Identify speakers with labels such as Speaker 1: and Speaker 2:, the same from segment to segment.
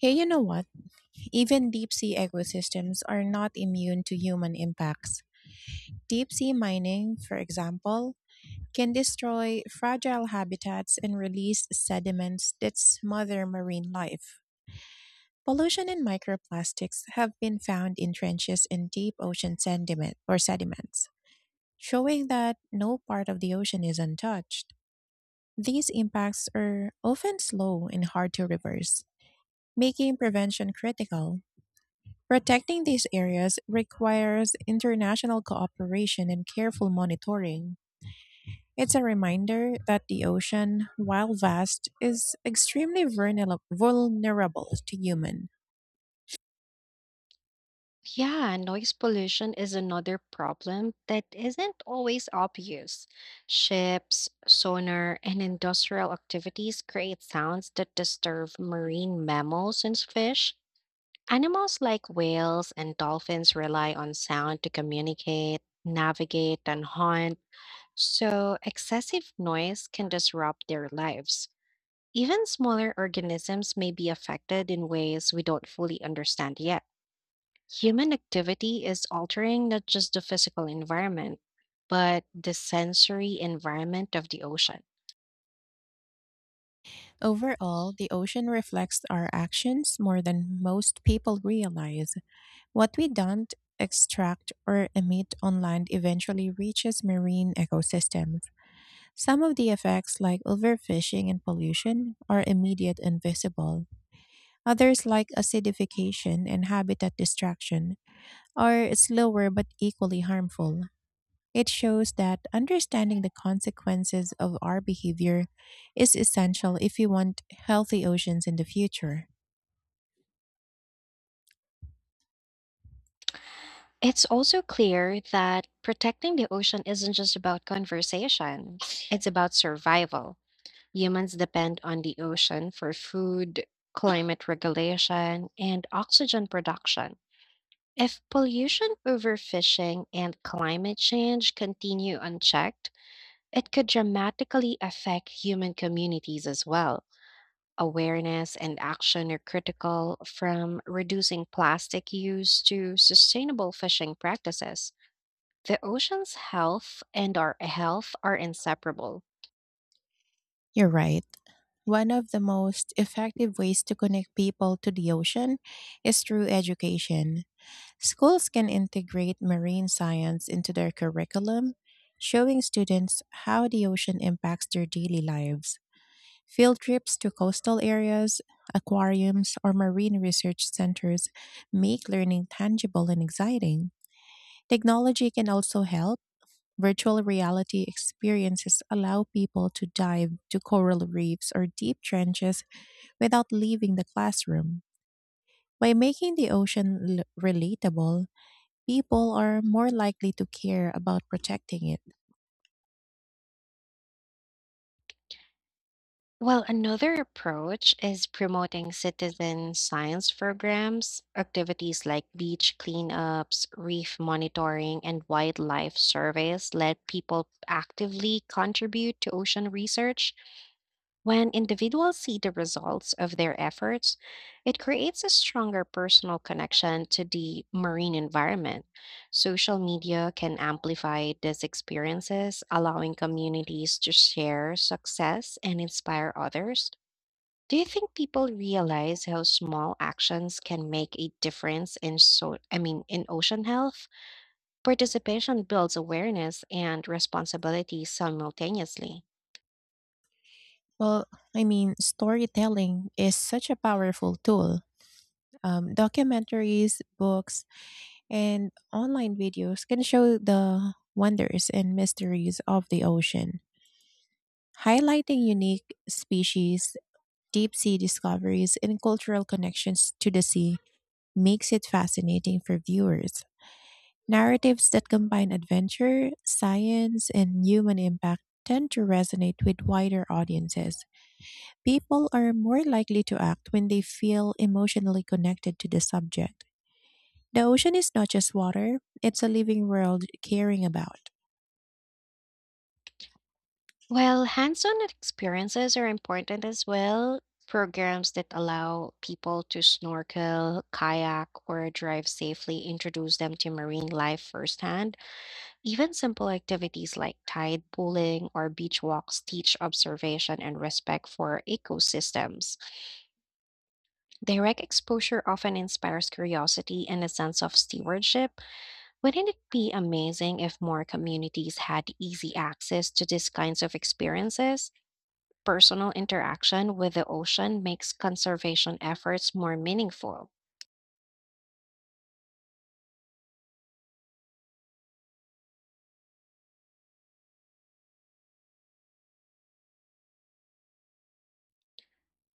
Speaker 1: Hey, you know what? Even deep sea ecosystems are not immune to human impacts. Deep sea mining, for example, can destroy fragile habitats and release sediments that smother marine life. Pollution and microplastics have been found in trenches in deep ocean sediment or sediments, showing that no part of the ocean is untouched. These impacts are often slow and hard to reverse, making prevention critical. Protecting these areas requires international cooperation and careful monitoring. It's a reminder that the ocean, while vast, is extremely vulnerable to human.
Speaker 2: Yeah, noise pollution is another problem that isn't always obvious. Ships, sonar, and industrial activities create sounds that disturb marine mammals and fish. Animals like whales and dolphins rely on sound to communicate, navigate, and hunt, so excessive noise can disrupt their lives. Even smaller organisms may be affected in ways we don't fully understand yet. Human activity is altering not just the physical environment, but the sensory environment of the ocean.
Speaker 1: Overall, the ocean reflects our actions more than most people realize. What we don't extract or emit on land eventually reaches marine ecosystems. Some of the effects, like overfishing and pollution, are immediate and visible. Others, like acidification and habitat destruction, are slower but equally harmful. It shows that understanding the consequences of our behavior is essential if we want healthy oceans in the future.
Speaker 2: It's also clear that protecting the ocean isn't just about conversation, it's about survival. Humans depend on the ocean for food, climate regulation, and oxygen production. If pollution, overfishing, and climate change continue unchecked, it could dramatically affect human communities as well. Awareness and action are critical from reducing plastic use to sustainable fishing practices. The ocean's health and our health are inseparable.
Speaker 1: You're right. One of the most effective ways to connect people to the ocean is through education. Schools can integrate marine science into their curriculum, showing students how the ocean impacts their daily lives. Field trips to coastal areas, aquariums, or marine research centers make learning tangible and exciting. Technology can also help. Virtual reality experiences allow people to dive to coral reefs or deep trenches without leaving the classroom. By making the ocean relatable, people are more likely to care about protecting it.
Speaker 2: Well, another approach is promoting citizen science programs, activities like beach cleanups, reef monitoring, and wildlife surveys let people actively contribute to ocean research. When individuals see the results of their efforts, it creates a stronger personal connection to the marine environment. Social media can amplify these experiences, allowing communities to share success and inspire others. Do you think people realize how small actions can make a difference in in ocean health? Participation builds awareness and responsibility simultaneously.
Speaker 1: Well, I mean, storytelling is such a powerful tool. Documentaries, books, and online videos can show the wonders and mysteries of the ocean. Highlighting unique species, deep sea discoveries, and cultural connections to the sea makes it fascinating for viewers. Narratives that combine adventure, science, and human impact tend to resonate with wider audiences. People are more likely to act when they feel emotionally connected to the subject. The ocean is not just water, it's a living world caring about.
Speaker 2: Well, hands-on experiences are important as well. Programs that allow people to snorkel, kayak, or drive safely introduce them to marine life firsthand. Even simple activities like tide pooling or beach walks teach observation and respect for ecosystems. Direct exposure often inspires curiosity and a sense of stewardship. Wouldn't it be amazing if more communities had easy access to these kinds of experiences? Personal interaction with the ocean makes conservation efforts more meaningful.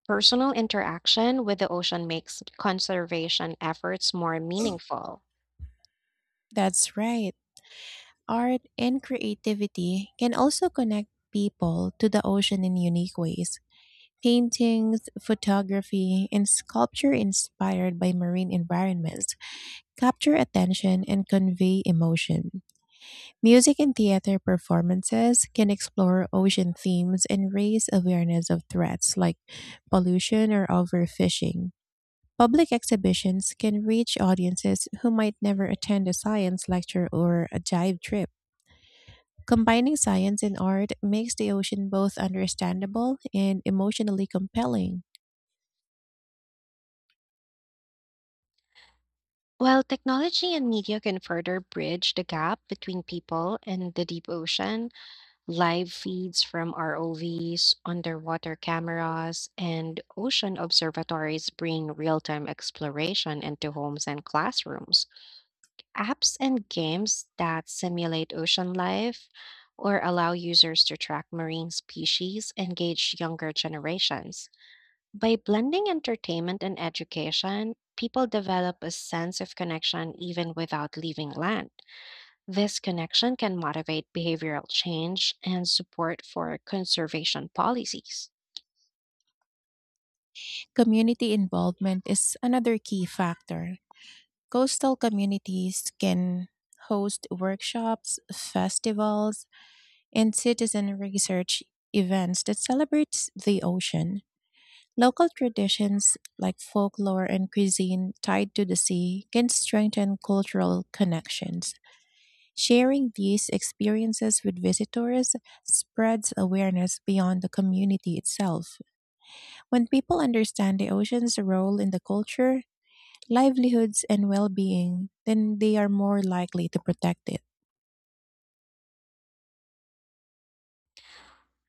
Speaker 2: Personal interaction with the ocean makes conservation efforts more meaningful.
Speaker 1: That's right. Art and creativity can also connect people to the ocean in unique ways. Paintings, photography, and sculpture inspired by marine environments capture attention and convey emotion. Music and theater performances can explore ocean themes and raise awareness of threats like pollution or overfishing. Public exhibitions can reach audiences who might never attend a science lecture or a dive trip. Combining science and art makes the ocean both understandable and emotionally compelling.
Speaker 2: While technology and media can further bridge the gap between people and the deep ocean, live feeds from ROVs, underwater cameras, and ocean observatories bring real time exploration into homes and classrooms. Apps and games that simulate ocean life or allow users to track marine species engage younger generations. By blending entertainment and education, people develop a sense of connection even without leaving land. This connection can motivate behavioral change and support for conservation policies.
Speaker 1: Community involvement is another key factor. Coastal communities can host workshops, festivals, and citizen research events that celebrate the ocean. Local traditions like folklore and cuisine tied to the sea can strengthen cultural connections. Sharing these experiences with visitors spreads awareness beyond the community itself. When people understand the ocean's role in the culture, livelihoods, and well being, then they are more likely to protect it.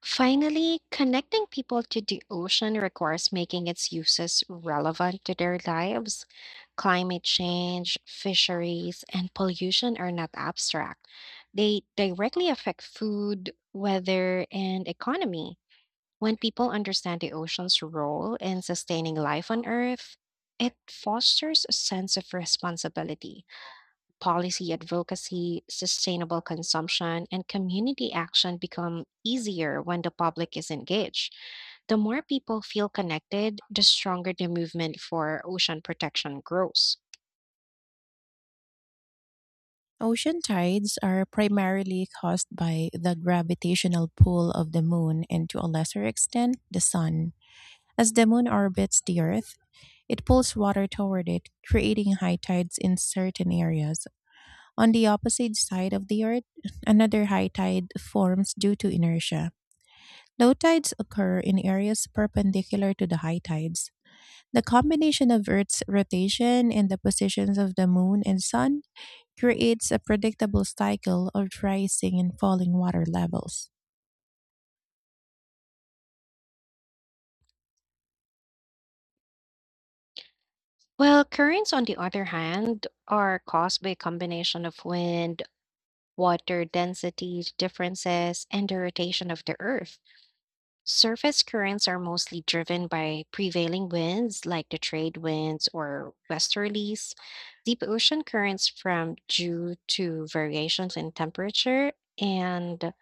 Speaker 2: Finally, connecting people to the ocean requires making its uses relevant to their lives. Climate change, fisheries, and pollution are not abstract. They directly affect food, weather, and economy. When people understand the ocean's role in sustaining life on Earth, it fosters a sense of responsibility policy advocacy, sustainable consumption, and community action become easier when the public is engaged. The more people feel connected, the stronger the movement for ocean protection grows.
Speaker 1: Ocean tides are primarily caused by the gravitational pull of the moon and, to a lesser extent, the sun. As the moon orbits the earth, it pulls water toward it, creating high tides in certain areas. On the opposite side of the Earth, another high tide forms due to inertia. Low tides occur in areas perpendicular to the high tides. The combination of Earth's rotation and the positions of the Moon and Sun creates a predictable cycle of rising and falling water levels.
Speaker 2: Well, currents, on the other hand, are caused by a combination of wind, water density differences, and the rotation of the Earth. Surface currents are mostly driven by prevailing winds like the trade winds or westerlies. Deep ocean currents from due to variations in temperature and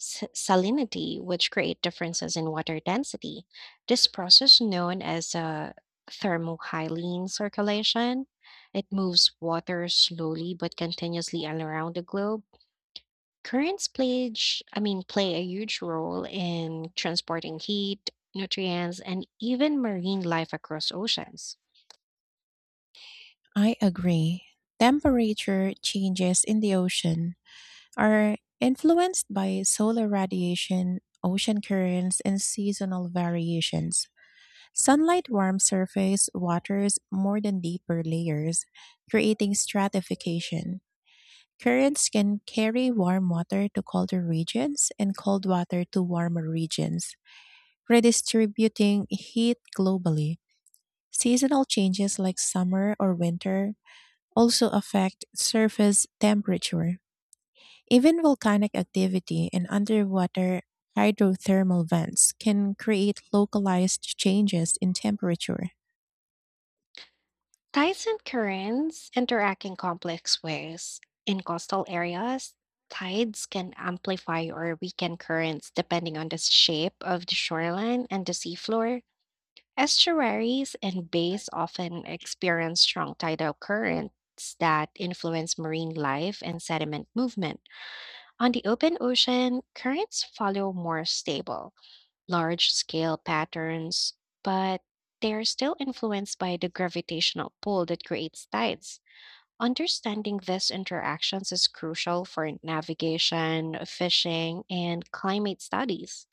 Speaker 2: salinity, which create differences in water density. This process, known as thermohaline circulation, it moves water slowly but continuously around the globe. Currents play a huge role in transporting heat, nutrients, and even marine life across oceans.
Speaker 1: I agree. Temperature changes in the ocean are influenced by solar radiation, ocean currents, and seasonal variations. Sunlight warms surface waters more than deeper layers, creating stratification. Currents can carry warm water to colder regions and cold water to warmer regions, redistributing heat globally. Seasonal changes like summer or winter also affect surface temperature. Even volcanic activity and underwater hydrothermal vents can create localized changes in temperature.
Speaker 2: Tides and currents interact in complex ways. In coastal areas, tides can amplify or weaken currents depending on the shape of the shoreline and the seafloor. Estuaries and bays often experience strong tidal currents that influence marine life and sediment movement. On the open ocean, currents follow more stable, large scale patterns, but they are still influenced by the gravitational pull that creates tides. Understanding these interactions is crucial for navigation, fishing, and climate studies.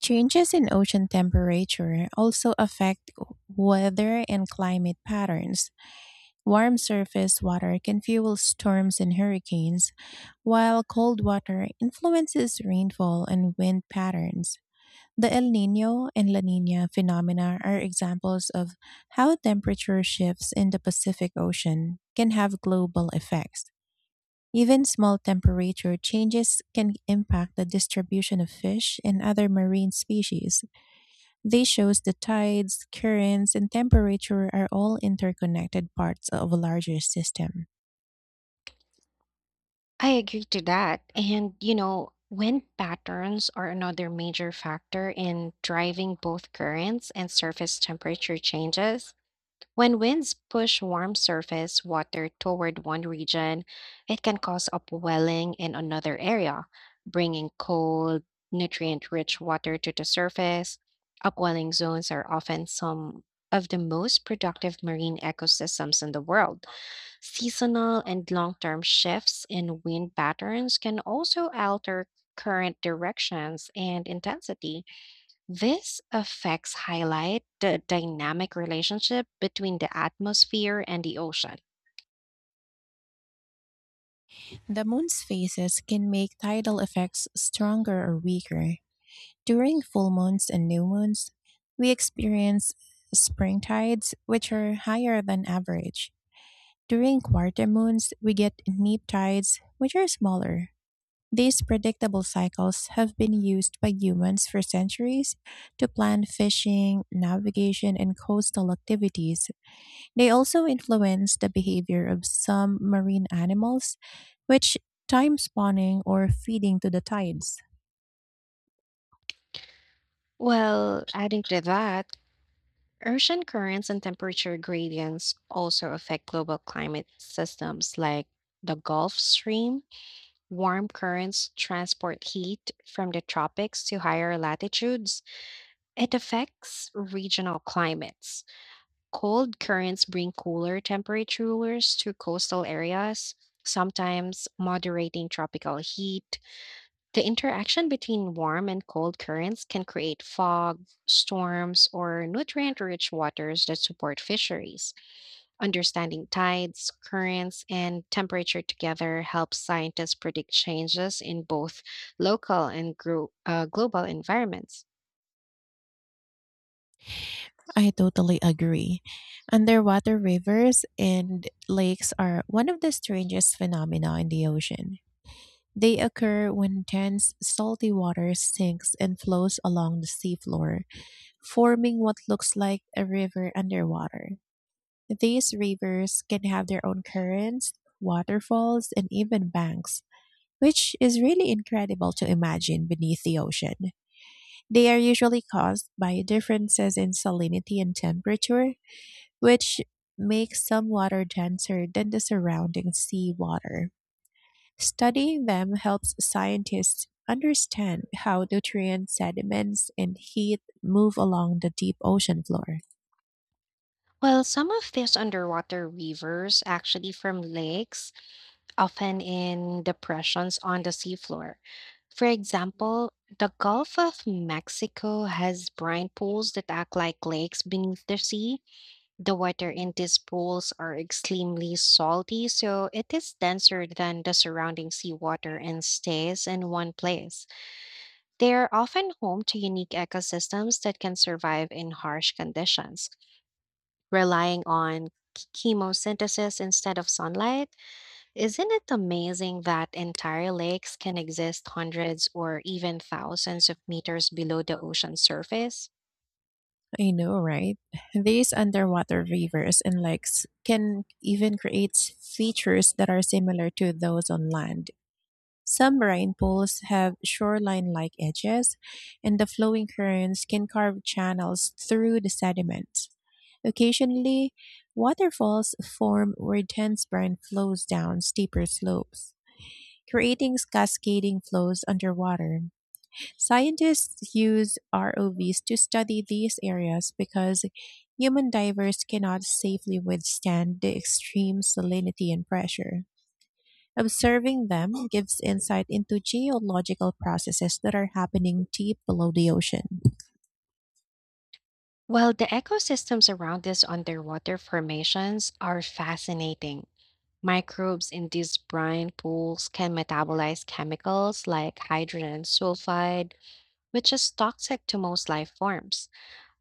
Speaker 1: Changes in ocean temperature also affect weather and climate patterns. Warm surface water can fuel storms and hurricanes, while cold water influences rainfall and wind patterns. The El Nino and La Nina phenomena are examples of how temperature shifts in the Pacific Ocean can have global effects. Even small temperature changes can impact the distribution of fish and other marine species. This shows the tides, currents, and temperature are all interconnected parts of a larger system.
Speaker 2: I agree to that. And, you know, wind patterns are another major factor in driving both currents and surface temperature changes. When winds push warm surface water toward one region, it can cause upwelling in another area, bringing cold, nutrient rich water to the surface. Upwelling zones are often some of the most productive marine ecosystems in the world. Seasonal and long term shifts in wind patterns can also alter current directions and intensity. This affects highlight the dynamic relationship between the atmosphere and the ocean.
Speaker 1: The moon's phases can make tidal effects stronger or weaker. During full moons and new moons, we experience spring tides, which are higher than average. During quarter moons, we get neap tides, which are smaller. These predictable cycles have been used by humans for centuries to plan fishing, navigation, and coastal activities. They also influence the behavior of some marine animals, which time spawning or feeding to the tides.
Speaker 2: Well, adding to that, ocean currents and temperature gradients also affect global climate systems like the Gulf Stream. Warm currents transport heat from the tropics to higher latitudes. It affects regional climates. Cold currents bring cooler temperatures to coastal areas, sometimes moderating tropical heat. The interaction between warm and cold currents can create fog, storms, or nutrient rich waters that support fisheries. Understanding tides, currents, and temperature together helps scientists predict changes in both local and global environments.
Speaker 1: I totally agree. Underwater rivers and lakes are one of the strangest phenomena in the ocean. They occur when dense salty water sinks and flows along the seafloor, forming what looks like a river underwater. These rivers can have their own currents, waterfalls, and even banks, which is really incredible to imagine beneath the ocean. They are usually caused by differences in salinity and temperature, which makes some water denser than the surrounding sea water. Studying them helps scientists understand how nutrients, sediments, and heat move along the deep ocean floor.
Speaker 2: Well, some of these underwater rivers, actually from lakes, often in depressions on the seafloor. For example, the Gulf of Mexico has brine pools that act like lakes beneath the sea. The water in these pools are extremely salty, so it is denser than the surrounding seawater and stays in one place. They are often home to unique ecosystems that can survive in harsh conditions, relying on chemosynthesis instead of sunlight. Isn't it amazing that entire lakes can exist hundreds or even thousands of meters below the ocean surface?
Speaker 1: I know, right? These underwater rivers and lakes can even create features that are similar to those on land. Some marine pools have shoreline like edges, and the flowing currents can carve channels through the sediment. Occasionally, waterfalls form where dense brine flows down steeper slopes, creating cascading flows underwater. Scientists use ROVs to study these areas because human divers cannot safely withstand the extreme salinity and pressure. Observing them gives insight into geological processes that are happening deep below the ocean.
Speaker 2: Well, the ecosystems around these underwater formations are fascinating. Microbes in these brine pools can metabolize chemicals like hydrogen sulfide, which is toxic to most life forms.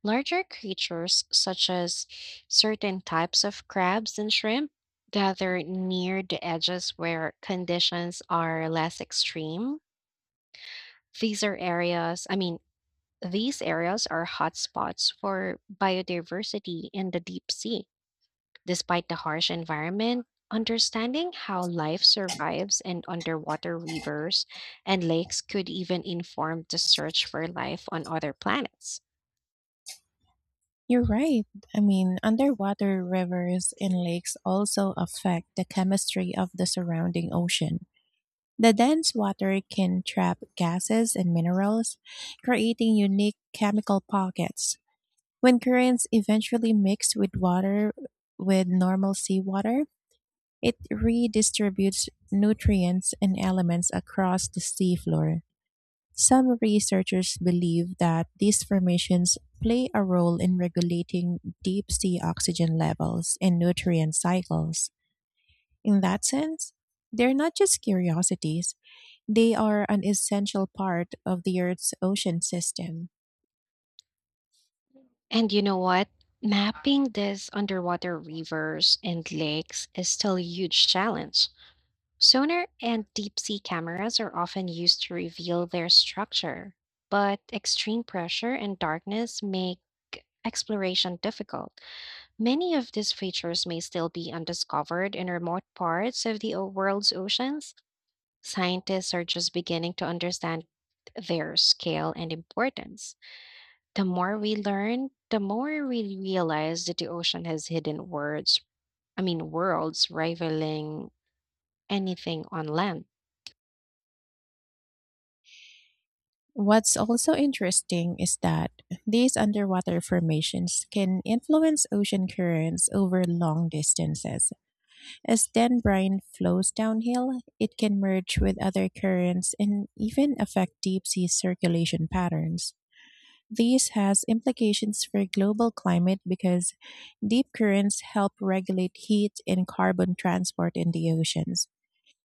Speaker 2: Larger creatures, such as certain types of crabs and shrimp, gather near the edges where conditions are less extreme. These are areas, I mean, these areas are hotspots for biodiversity in the deep sea. Despite the harsh environment, understanding how life survives in underwater rivers and lakes could even inform the search for life on other planets.
Speaker 1: You're right. I mean, underwater rivers and lakes also affect the chemistry of the surrounding ocean. The dense water can trap gases and minerals, creating unique chemical pockets. When currents eventually mix with normal seawater, it redistributes nutrients and elements across the seafloor. Some researchers believe that these formations play a role in regulating deep sea oxygen levels and nutrient cycles. In that sense, they're not just curiosities, they are an essential part of the Earth's ocean system.
Speaker 2: And you know what? Mapping these underwater rivers and lakes is still a huge challenge. Sonar and deep sea cameras are often used to reveal their structure, but extreme pressure and darkness make exploration difficult. Many of these features may still be undiscovered in remote parts of the world's oceans. Scientists are just beginning to understand their scale and importance. The more we learn, the more we realize that the ocean has hidden worlds rivaling anything on land.
Speaker 1: What's also interesting is that these underwater formations can influence ocean currents over long distances. As then brine flows downhill, it can merge with other currents and even affect deep sea circulation patterns. This has implications for global climate because deep currents help regulate heat and carbon transport in the oceans.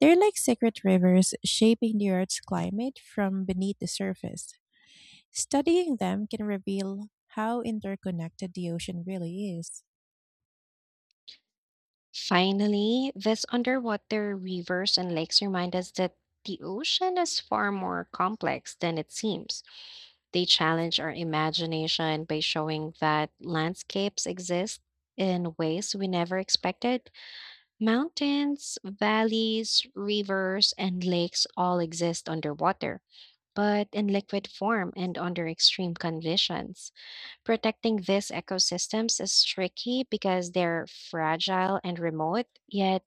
Speaker 1: They're like secret rivers shaping the Earth's climate from beneath the surface. Studying them can reveal how interconnected the ocean really is.
Speaker 2: Finally, these underwater rivers and lakes remind us that the ocean is far more complex than it seems. They challenge our imagination by showing that landscapes exist in ways we never expected. Mountains, valleys, rivers, and lakes all exist underwater, but in liquid form and under extreme conditions. Protecting these ecosystems is tricky because they're fragile and remote, yet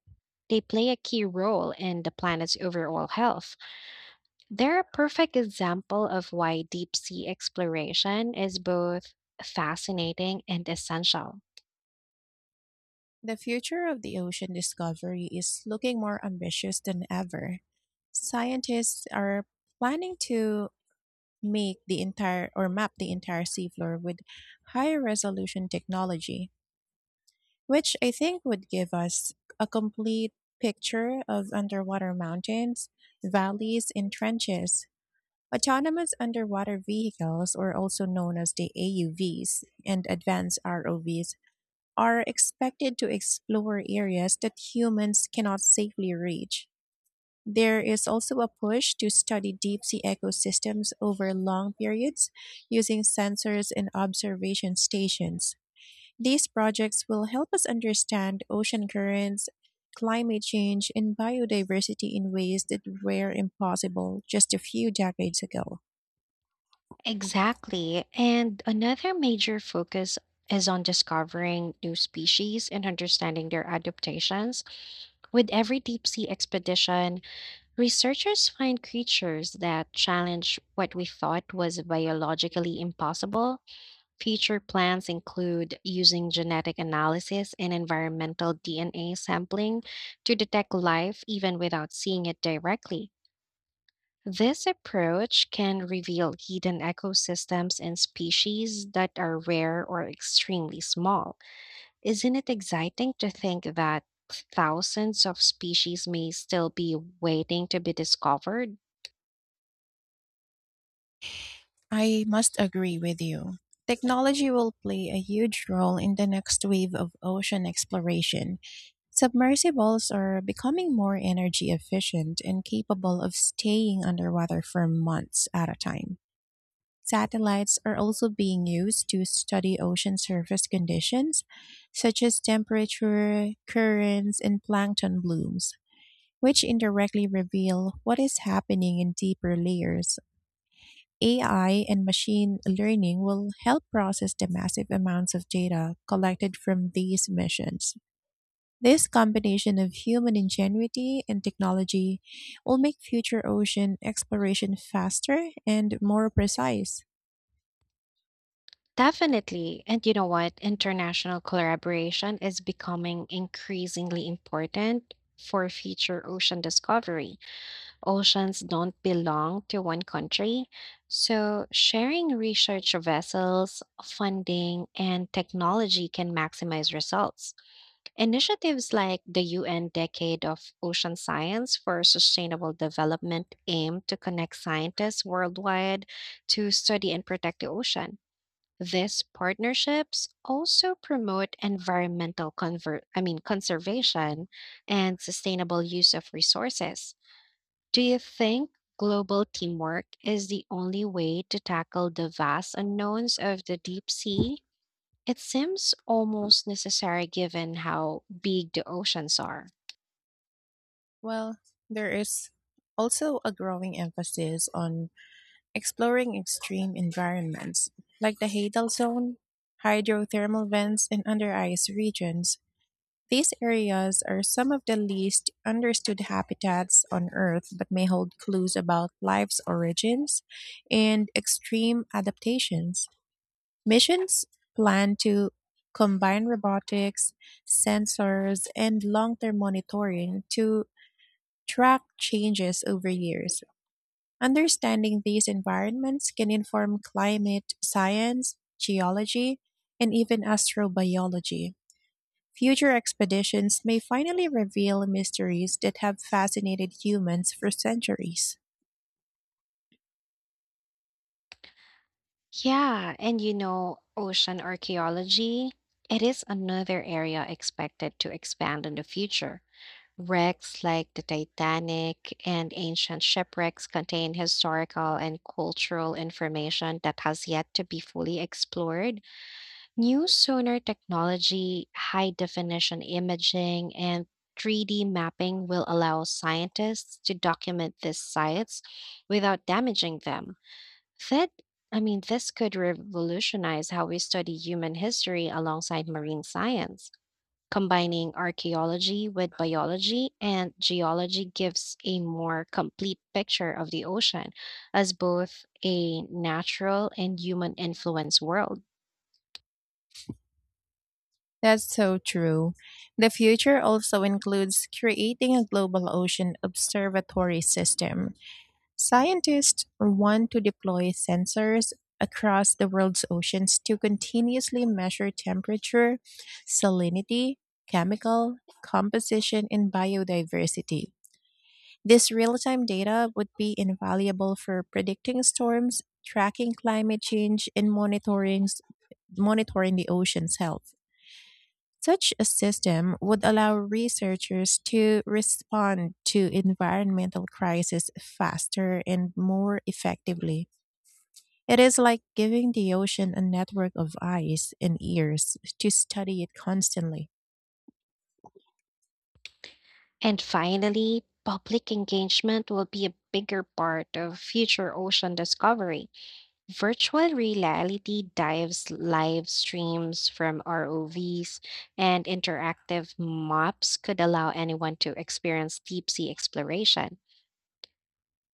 Speaker 2: they play a key role in the planet's overall health. They're a perfect example of why deep sea exploration is both fascinating and essential.
Speaker 1: The future of the ocean discovery is looking more ambitious than ever. Scientists are planning to make the entire or map the entire seafloor with high resolution technology, which I think would give us a complete picture of underwater mountains, valleys, and trenches. Autonomous underwater vehicles, or also known as the AUVs, and advanced ROVs are expected to explore areas that humans cannot safely reach. There is also a push to study deep sea ecosystems over long periods using sensors and observation stations. These projects will help us understand ocean currents, climate change, and biodiversity in ways that were impossible just a few decades ago.
Speaker 2: Exactly. And another major focus is on discovering new species and understanding their adaptations. With every deep sea expedition, researchers find creatures that challenge what we thought was biologically impossible. Future plans include using genetic analysis and environmental DNA sampling to detect life even without seeing it directly. This approach can reveal hidden ecosystems and species that are rare or extremely small. Isn't it exciting to think that thousands of species may still be waiting to be discovered?
Speaker 1: I must agree with you. Technology will play a huge role in the next wave of ocean exploration. Submersibles are becoming more energy efficient and capable of staying underwater for months at a time. Satellites are also being used to study ocean surface conditions, such as temperature, currents, and plankton blooms, which indirectly reveal what is happening in deeper layers. AI and machine learning will help process the massive amounts of data collected from these missions. This combination of human ingenuity and technology will make future ocean exploration faster and more precise.
Speaker 2: Definitely. And you know what? International collaboration is becoming increasingly important for future ocean discovery. Oceans don't belong to one country. So, sharing research vessels, funding, and technology can maximize results. Initiatives like the UN Decade of Ocean Science for Sustainable Development aim to connect scientists worldwide to study and protect the ocean. These partnerships also promote environmental conservation and sustainable use of resources. Do you think global teamwork is the only way to tackle the vast unknowns of the deep sea? It seems almost necessary given how big the oceans are.
Speaker 1: Well, there is also a growing emphasis on exploring extreme environments like the Hadal Zone, hydrothermal vents, and under ice regions. These areas are some of the least understood habitats on Earth but may hold clues about life's origins and extreme adaptations. Missions plan to combine robotics, sensors, and long term monitoring to track changes over years. Understanding these environments can inform climate science, geology, and even astrobiology. Future expeditions may finally reveal mysteries that have fascinated humans for centuries.
Speaker 2: Yeah, and you know, ocean archaeology, it is another area expected to expand in the future. Wrecks like the Titanic and ancient shipwrecks contain historical and cultural information that has yet to be fully explored. New sonar technology, high definition imaging, and 3D mapping will allow scientists to document these sites without damaging them. That, this could revolutionize how we study human history alongside marine science. Combining archaeology with biology and geology gives a more complete picture of the ocean as both a natural and human influence world.
Speaker 1: That's so true. The future also includes creating a global ocean observatory system. Scientists want to deploy sensors across the world's oceans to continuously measure temperature, salinity, chemical composition, and biodiversity. This real time data would be invaluable for predicting storms, tracking climate change, and monitoring the ocean's health. Such a system would allow researchers to respond to environmental crises faster and more effectively. It is like giving the ocean a network of eyes and ears to study it constantly.
Speaker 2: And finally, public engagement will be a bigger part of future ocean discovery. Virtual reality dives live streams from ROVs and interactive maps could allow anyone to experience deep sea exploration.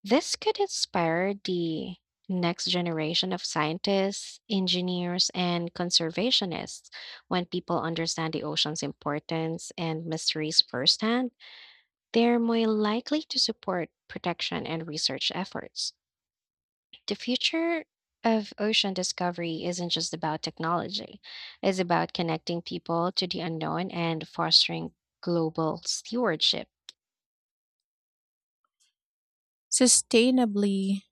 Speaker 2: This could inspire the next generation of scientists, engineers, and conservationists. When people understand the ocean's importance and mysteries firsthand, they're more likely to support protection and research efforts. The future of ocean discovery isn't just about technology, it's about connecting people to the unknown and fostering global stewardship.
Speaker 1: Sustainably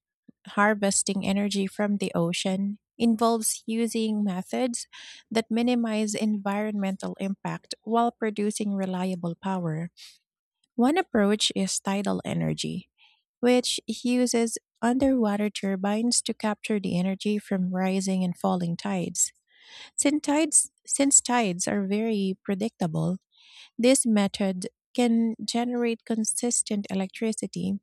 Speaker 1: harvesting energy from the ocean involves using methods that minimize environmental impact while producing reliable power. One approach is tidal energy, which uses underwater turbines to capture the energy from rising and falling tides. Since tides are very predictable, this method can generate consistent electricity.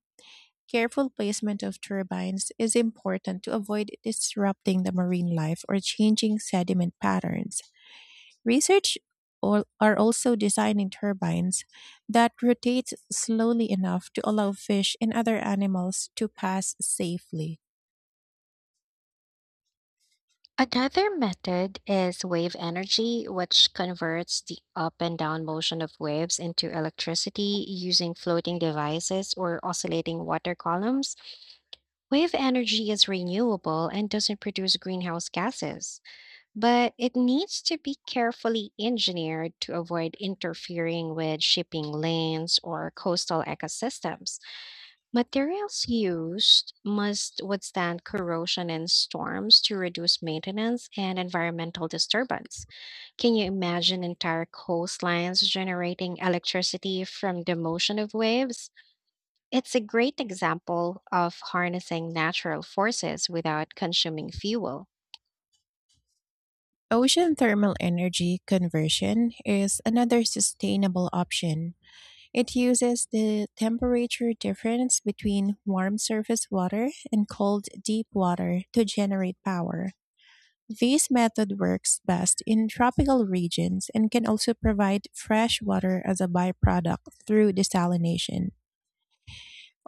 Speaker 1: Careful placement of turbines is important to avoid disrupting the marine life or changing sediment patterns. Research are also designing turbines that rotate slowly enough to allow fish and other animals to pass safely.
Speaker 2: Another method is wave energy, which converts the up and down motion of waves into electricity using floating devices or oscillating water columns. Wave energy is renewable and doesn't produce greenhouse gases, but it needs to be carefully engineered to avoid interfering with shipping lanes or coastal ecosystems. Materials used must withstand corrosion and storms to reduce maintenance and environmental disturbance. Can you imagine entire coastlines generating electricity from the motion of waves? It's a great example of harnessing natural forces without consuming fuel.
Speaker 1: Ocean thermal energy conversion is another sustainable option. It uses the temperature difference between warm surface water and cold deep water to generate power. This method works best in tropical regions and can also provide fresh water as a byproduct through desalination.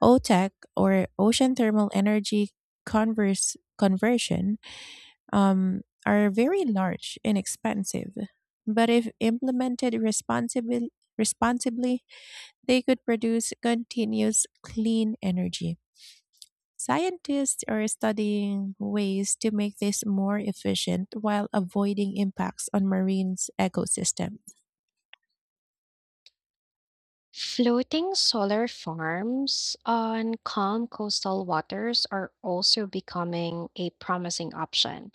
Speaker 1: OTEC, or Ocean Thermal Energy Converse Conversion, are very large and expensive, but if implemented responsibly, they could produce continuous clean energy. Scientists are studying ways to make this more efficient while avoiding impacts on marine ecosystems.
Speaker 2: Floating solar farms on calm coastal waters are also becoming a promising option.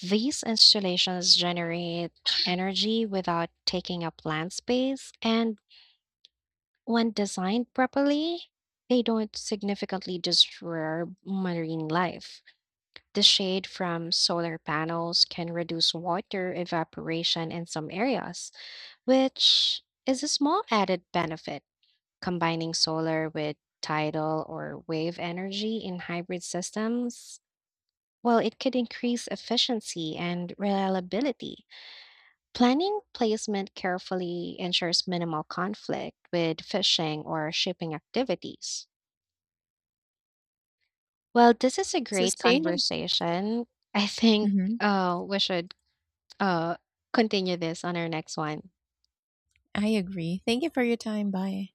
Speaker 2: These installations generate energy without taking up land space, and when designed properly, they don't significantly disturb marine life. The shade from solar panels can reduce water evaporation in some areas, which is a small added benefit. Combining solar with tidal or wave energy in hybrid systems, well, it could increase efficiency and reliability. Planning placement carefully ensures minimal conflict with fishing or shipping activities. Well, this is a great
Speaker 1: Sustainable.
Speaker 2: conversation. I think we should uh, continue this on our next one.
Speaker 1: I agree. Thank you for your time. Bye.